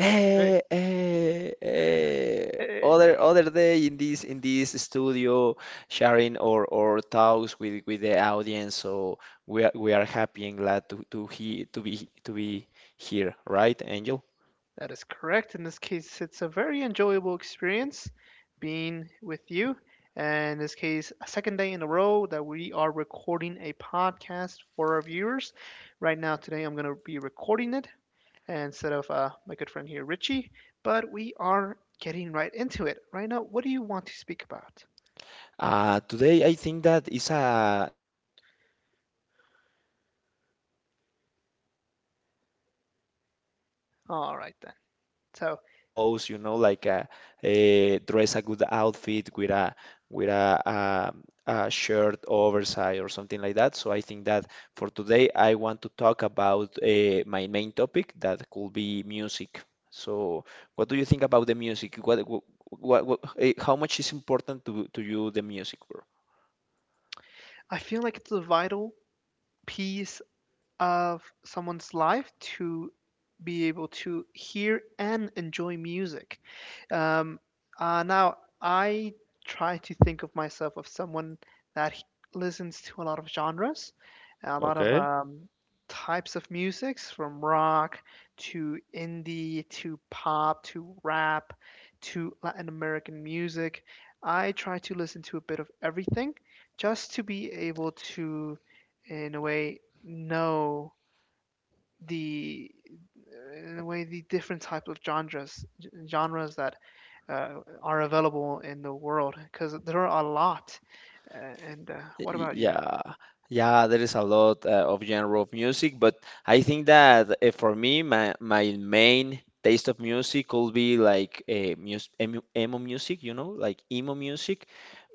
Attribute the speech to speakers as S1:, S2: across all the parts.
S1: Eh, eh, eh, other day in this studio, sharing our thoughts with the audience. So we are happy and glad to be here, right, Angel? Today, I think that is a the weather is very gloomy, but also is a good day, because I think that you can choose better clothes. You know, like a dress a good outfit with a a shirt oversized, or something like that. So I think that for today, I want to talk about my main topic, that could be music. So. What do you think about the music? How much is important to you, the music, bro? Yeah. Yeah, there is a lot of genre of music. But I think that, for me, my main taste of music could be like emo music, you know, like, emo music.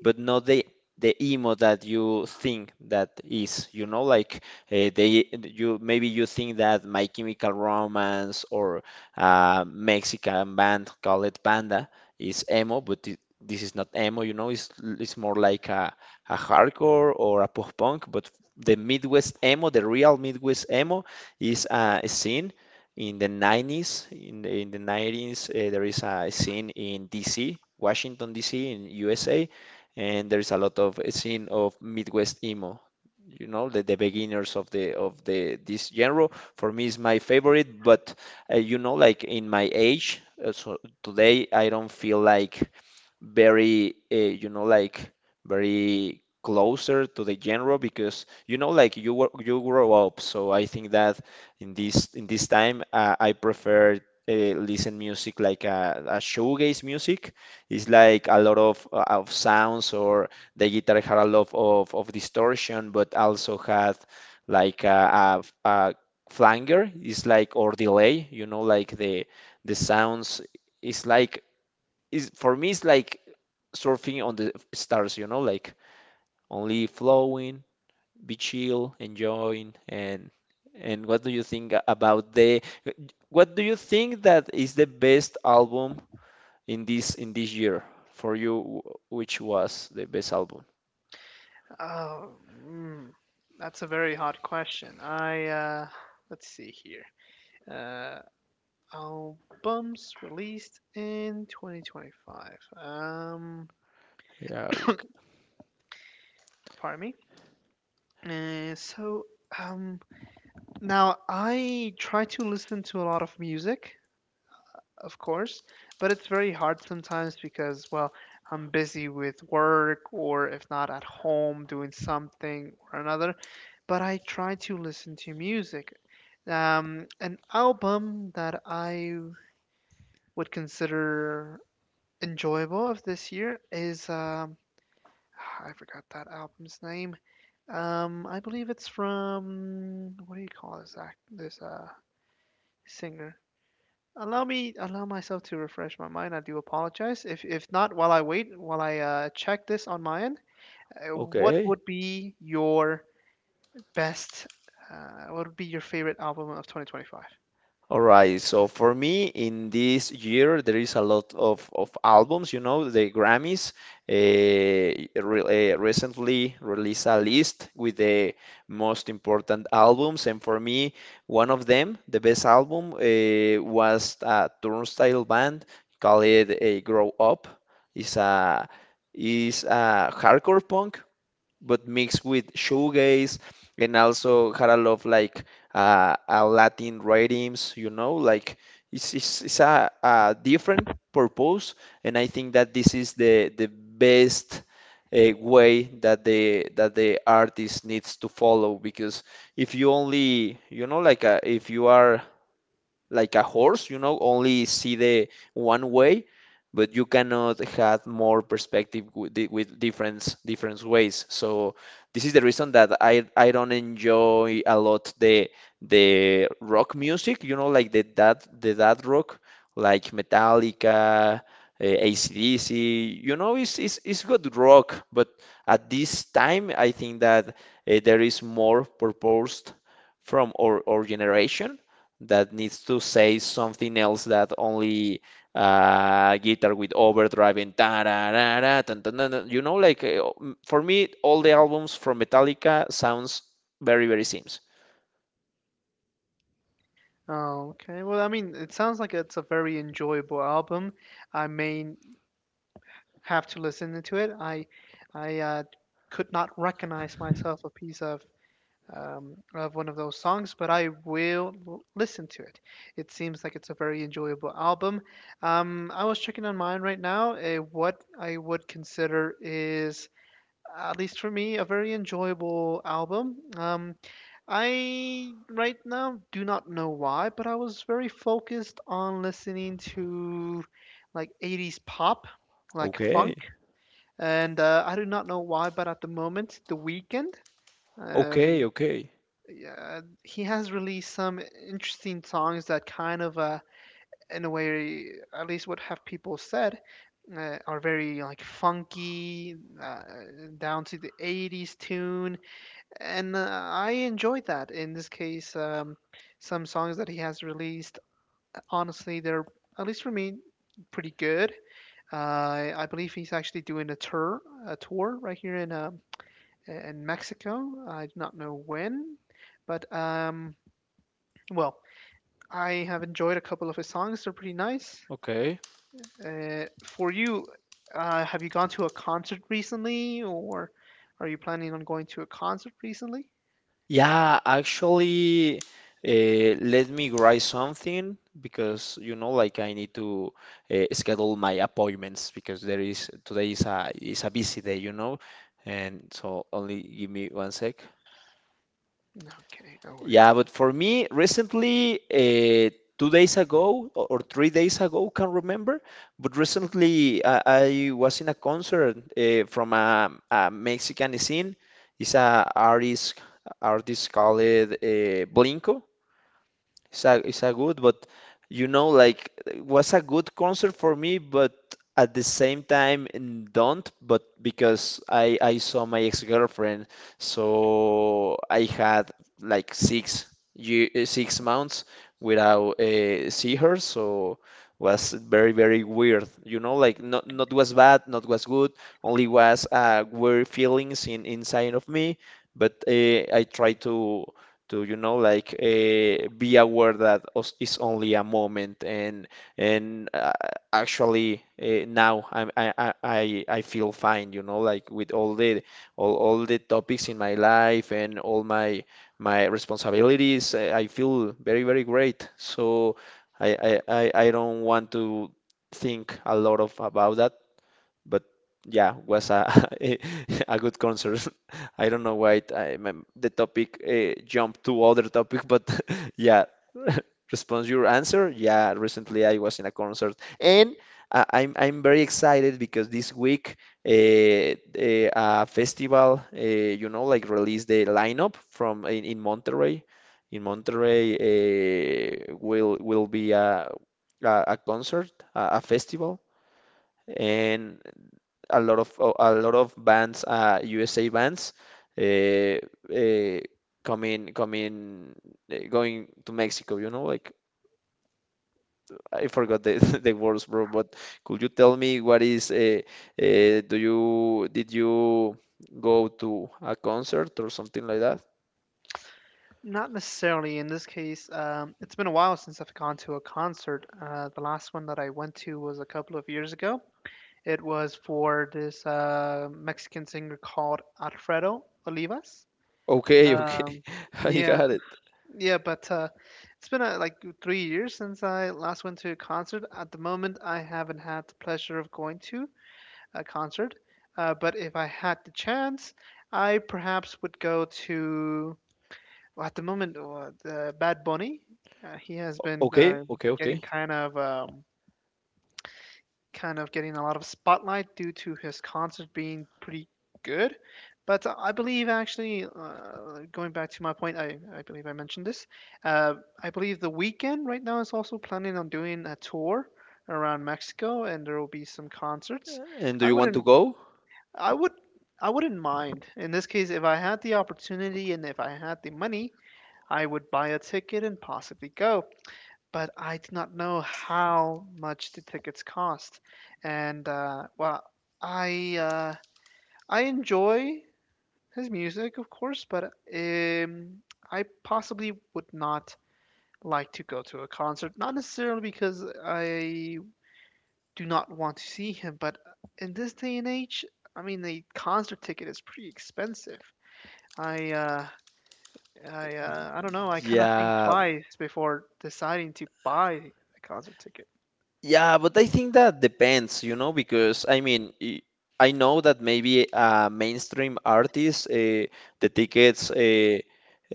S1: But not the emo that you think that is, you know, like, they you maybe you think that My Chemical Romance or Mexican band called Panda is emo. But this is not emo. You know, it's more like a hardcore or a post punk. But the Midwest emo, the real Midwest emo, is a scene in the 90s. In the 90s, there is a scene in DC, Washington DC, in USA. And there is a lot of a scene of Midwest emo. You know, the beginners of the this genre for me is my favorite. But you know, like, in my age, so today I don't feel like very, uh, you know, like very closer to the genre, because, you grow up. So I think that in this time I prefer listen music like a shoegaze music. It's like a lot of sounds, or the guitar had a lot of distortion, but also had like a flanger. It's like, or delay, you know, like the sounds. It's like, is, for me, it's like surfing on the stars, you know, like, only flowing, be chill, enjoying. And and what do you think about the what do you think that is the best album in this year for you? Which was the best album? Yeah, we, c- okay. All right, so for me, in this year, there is a lot of albums. You know, the Grammys recently released a list with the most important albums, and for me, one of them, the best album, was a Turnstile band called Grow Up. It's a it's a hardcore punk, but mixed with shoegaze, and also had a lot of like Latin rhythms. You know, like, it's a different purpose. And I think that this is the best way that the artist needs to follow. Because if you only, you know, like, if you are like a horse, you know, only see the one way, but you cannot have more perspective with, with different ways. So this is the reason that I don't enjoy a lot the rock music, you know, like the that rock, like Metallica. AC/DC, you know, it's good rock. But at this time, I think that there is more purpose from our generation, that needs to say something else, that only guitar with overdrive, and ta da da da dun, dun, dun, dun. You know, like, for me, all the albums from Metallica sounds very Sims. Okay. Okay, okay. Okay. Yeah, actually, let me write something, because, you know, like, I need to schedule my appointments, because there is, today is a busy day, you know. And so only give me one sec. Yeah, but for me, recently, 2 days ago, or 3 days ago, can't remember. But recently I was in a concert from a Mexican scene. It's a artist called Blinko. It's a good. But you know, like, it was a good concert for me, but at the same time, n- don't, but because I saw my ex-girlfriend. So I had like 6 year, 6 months without see her. So was very weird. You know, like, not was bad, not was good. Only was weird feelings in inside of me. But I try to you know, like, be aware that it's only a moment. And and uh, actually now I feel fine, you know, like, with all the all the topics in my life, and all my responsibilities. I feel very great. So I don't want to think a lot of about that. But yeah, was a a, a good concert. I don't know why the topic jumped to other topic, but yeah. Response your answer. Yeah, recently I was in a concert. And I'm very excited, because this week a festival, you know, like, released the lineup from in Monterrey. In Monterrey, will be a concert, a festival, and a lot of bands, USA bands, uh, uh, coming going to Mexico. You know, like, I forgot the the words, bro. But could you tell me what is? Do you did you go to a concert, or something like that? Okay, okay, I got it. Okay, okay, okay. And do you want to go? Yeah. Yeah, but I think that depends, you know, because I mean, I know that maybe a mainstream artist, the tickets,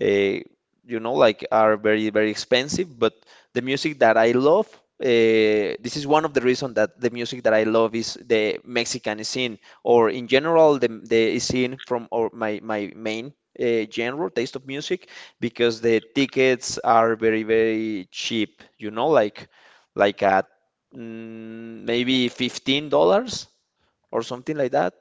S1: uh, you know, like, are very, very expensive. But the music that I love, this is one of the reasons that the music that I love is the Mexican scene, or in general, the scene from, or my main. Genre taste of music, because the tickets are very cheap, you know, like a, mm, maybe $15 or something like that,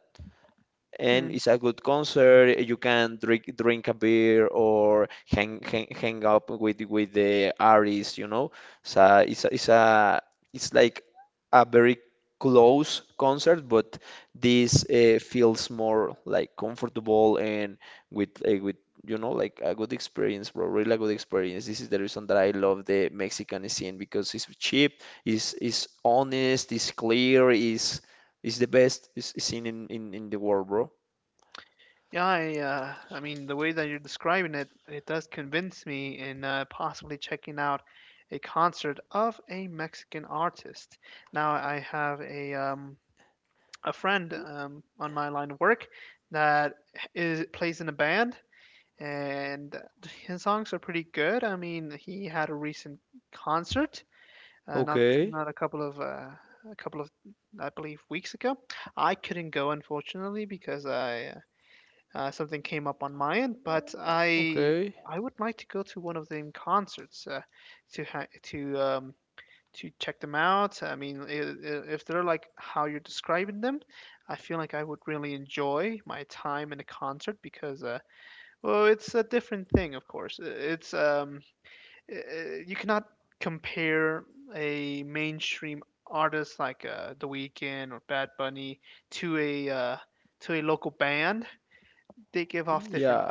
S1: and it's a good concert. You can drink a beer, or hang up with the artists, you know. So it's a, it's a, it's like a very close concert. But this feels more like comfortable, and with with, you know, like, a good experience, bro. Really a good experience. This is the reason that I love the Mexican scene, because it's cheap, is honest, is clear, is the best scene in the world, bro. Okay. Okay. Yeah.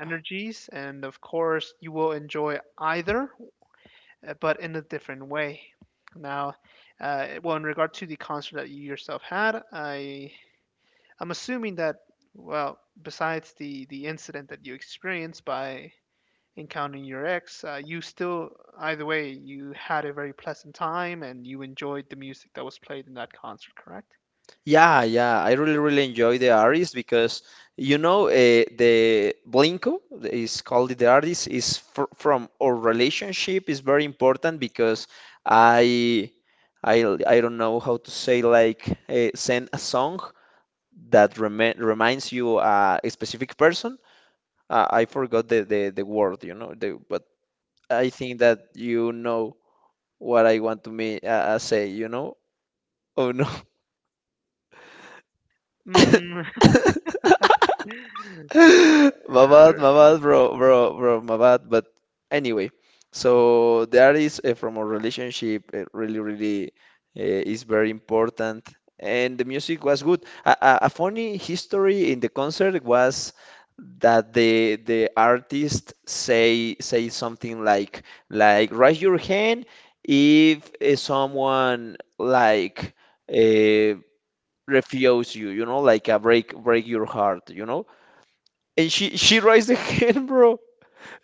S1: Yeah, yeah, I really, really enjoy the artist, because you know, the Blinko is called, the artist, is fr from our relationship, is very important. Because I I I don't know how to say, like, send a song that reminds you a specific person. I forgot the, the word, you know, the. But I think that you know what I want to me say, you know. Oh no. My bad, bro, bro, bro, my bad. But anyway, so that is from a relationship. It really, really is very important. And the music was good. A funny history in the concert was that the artist say something like, raise your hand if someone like uh, refuse you, you know, like, a break your heart, you know. And she raised her hand, bro.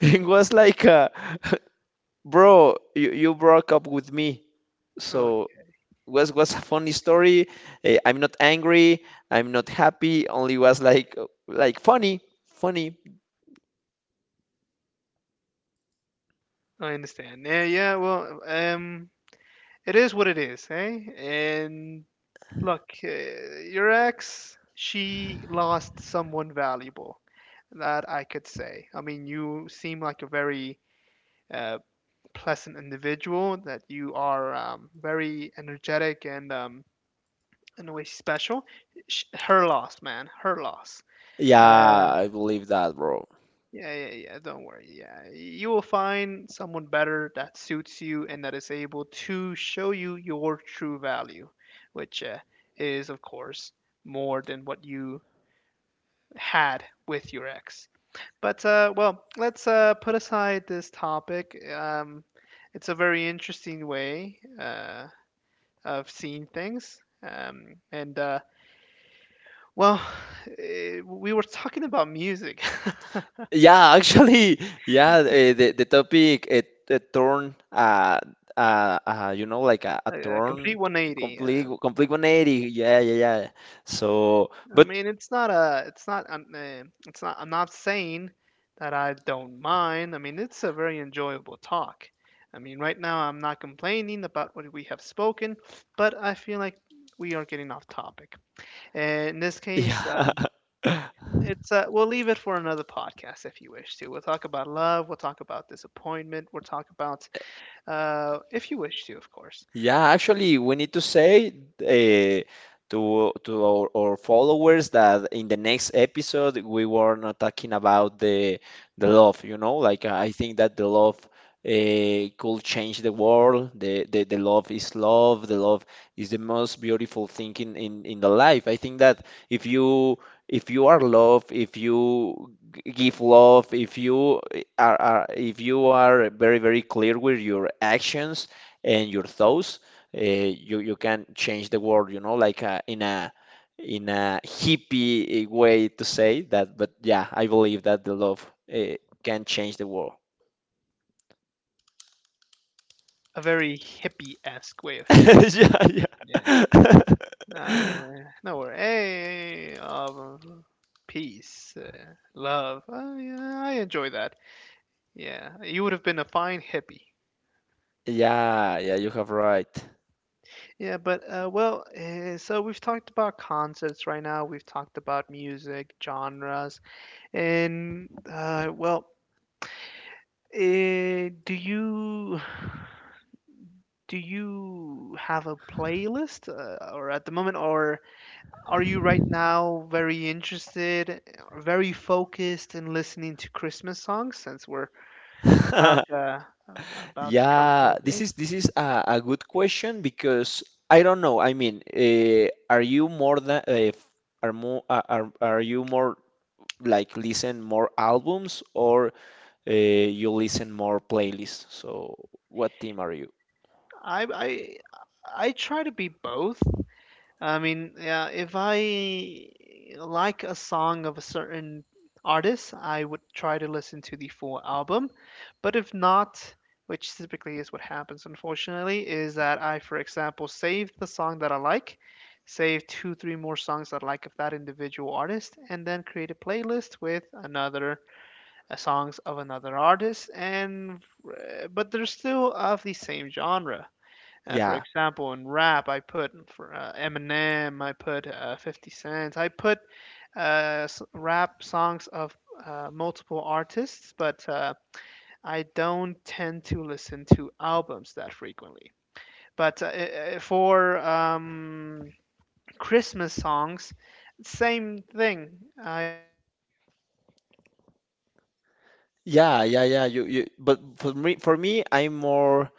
S1: It was like, bro, you broke up with me. So was a funny story. Eh, I'm not angry. I'm not happy. Only was like, funny, funny. Yeah, I believe that, bro. Yeah, actually, yeah. The topic it turned, you know, like, a turn, complete 180. Yeah, yeah, yeah. So, but yeah. Yeah, actually, we need to say uh, to our, followers, that in the next episode we were not talking about the love. You know, like, I think that the love could change the world. The love is love. The love is the most beautiful thing in the life. I think that if you, if you are love, if you give love, if you are, if you are very clear with your actions and your thoughts, you can change the world, you know, like, in a hippie way to say that, but yeah, I believe that the love uh, can change the world. Yeah, yeah. Yeah, yeah, you have right. Yeah, this is a good question, because I don't know. I mean, are you more than are more, are, are you more like listen more albums, or you listen more playlists? So what team are you? Yeah, yeah, yeah, yeah. You, you. But for me, I'm more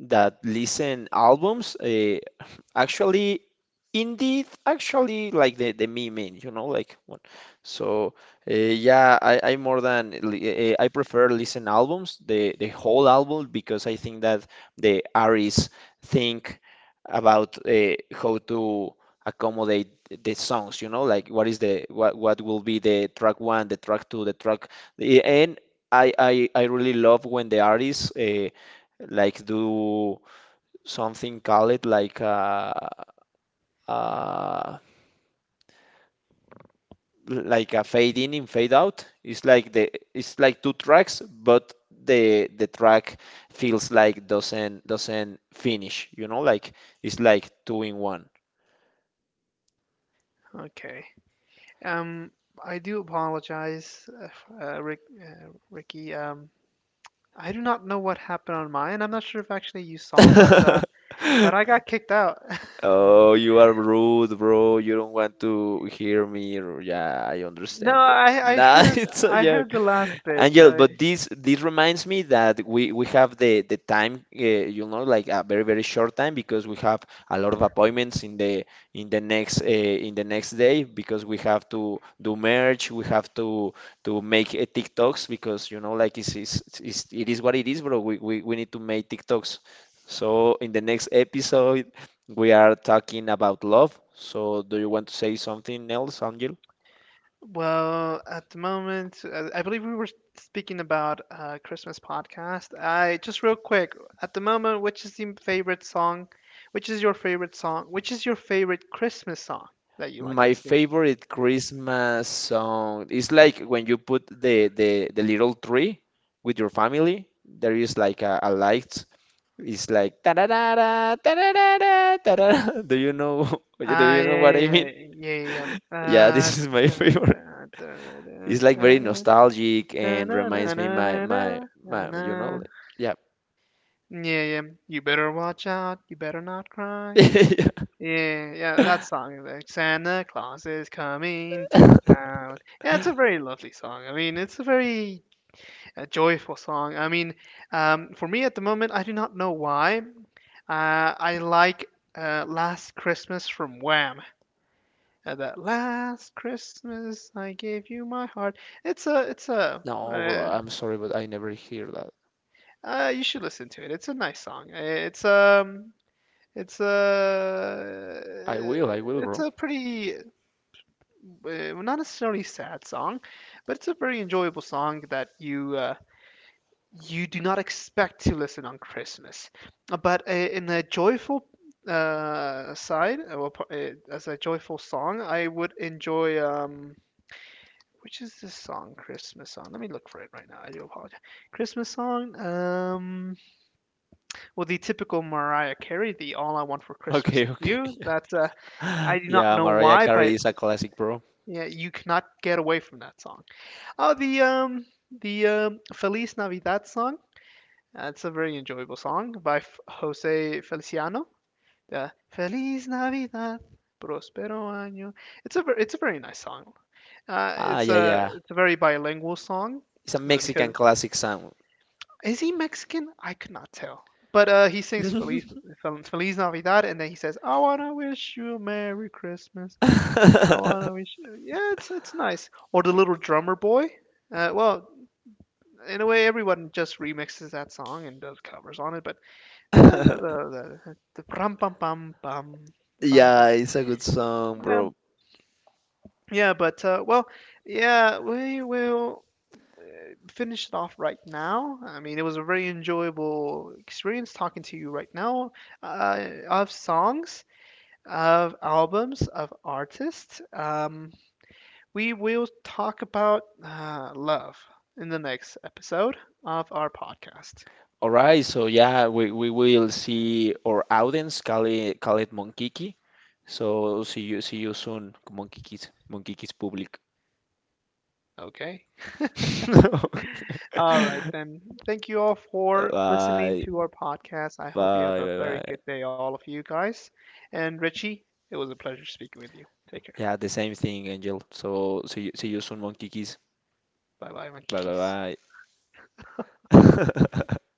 S1: that listen albums, actually, indeed, actually, like the meme, you know, like, one. So yeah, I more than I prefer listen albums, the whole album, because I think that the artists think about how to accommodate the songs, you know, like, what is the, what will be the track one, the track two, the track, and I really love when the artists like do something called, like a, like a fade in and fade out. It's like the, it's like two tracks, but the track feels like doesn't finish, you know, like, it's like two in one.
S2: Okay. Um, I do apologize, Rick, Ricky. I do not know what happened on mine. I'm not sure if actually you saw, but I got kicked out.
S1: Oh, you are rude, bro. You don't want to hear me. Or, yeah, I
S2: No,
S1: understand, bro.
S2: I
S1: Nah,
S2: heard.
S1: it's a
S2: I
S1: joke.
S2: heard the last bit.
S1: Angel,
S2: I,
S1: but this reminds me that we have the time, you know, like, a very short time, because we have a lot of appointments in the, in the next day, because we have to do merge, we have to make TikToks, because you know, like, it's, it is what it is, bro. We need to make TikToks. So, in the next episode, we are talking about love. So do you want to say something else, Angel?
S2: well, at the moment, I believe we were speaking about Christmas podcast. I just real quick, at the moment, which is your favorite song? Which is your favorite song? Which is your favorite Christmas song that you like
S1: My
S2: listening.
S1: favorite Christmas song is like, when you put the, the little tree with your family. There is like a light. It's like ta da da da da da da da da. Do you know? Do
S2: Ah,
S1: you know what
S2: yeah,
S1: I mean?
S2: yeah, yeah, yeah, yeah, yeah.
S1: Yeah, this is my
S2: Da-
S1: favorite.
S2: da- da- da-
S1: It's like very
S2: da-
S1: nostalgic,
S2: da-
S1: and
S2: na- na-
S1: reminds me
S2: na-
S1: my
S2: na- na- na-
S1: my. You know,
S2: na.
S1: like.
S2: Yeah, yeah. You better watch out. You better not cry.
S1: Yeah.
S2: Yeah, yeah. That song is like Santa Claus is coming to town. Yeah, it's a very lovely song. I mean, it's a very joyful song. I mean, for me at the moment, I do not know why. I like Last Christmas from Wham. At that last Christmas, I gave you my heart. It's a, it's a,
S1: No, bro,
S2: uh,
S1: I'm sorry, but I never hear that.
S2: you should listen to it. It's a nice song. It's it's a,
S1: I will,
S2: it's
S1: bro.
S2: a pretty, not necessarily sad song, but it's a very enjoyable song that you do not expect to listen on Christmas. But in the joyful side, well, as a joyful song, I would enjoy. Which is this song, Christmas song? Let me look for it right now. I do apologize. Christmas song? Well, the typical Mariah Carey, the "All I Want for Christmas
S1: Okay,
S2: Is
S1: okay.
S2: You." That's. I do not
S1: Yeah,
S2: know
S1: Mariah
S2: why,
S1: Carey
S2: but
S1: is a classic, bro.
S2: yeah, you cannot get away from that song. Oh, the Feliz Navidad song. That's a very enjoyable song by F- Jose Feliciano. The Feliz Navidad, Prospero Año. It's a ver- it's a very nice song.
S1: Ah,
S2: It's
S1: yeah,
S2: a
S1: yeah.
S2: very bilingual song
S1: It's a
S2: so because.
S1: Mexican classic song.
S2: Is he Mexican? I could not tell. But he sings Feliz, Fel- Feliz Navidad, and then he says, "I wanna wish you a Merry Christmas. I wanna wish you." Yeah, it's nice. Or the little drummer boy. Well, in a way, everyone just remixes that song and does covers on it. But the rum pam pam pam rum pam.
S1: Yeah, it's a good song,
S2: Yeah,
S1: bro.
S2: yeah, but well, yeah, we will finish it off right now. I mean, it was a very enjoyable experience talking to you right now uh, of songs, of albums, of artists. We will talk about love in the next episode of our podcast.
S1: All right, so yeah, we will see our audience, call it Monkiki. So see you, see you soon, Monkikis, Monkikis public.
S2: Okay. All right, then. Thank you all for listening
S1: Bye,
S2: to our podcast. I hope you have
S1: bye,
S2: a very
S1: bye, bye.
S2: good day, all of you guys. And Richie, it was a pleasure speaking with you. Take care.
S1: Yeah, the same thing, Angel. So see you soon, Monkey Keys.
S2: Bye bye, my
S1: Bye
S2: kikis.
S1: bye bye.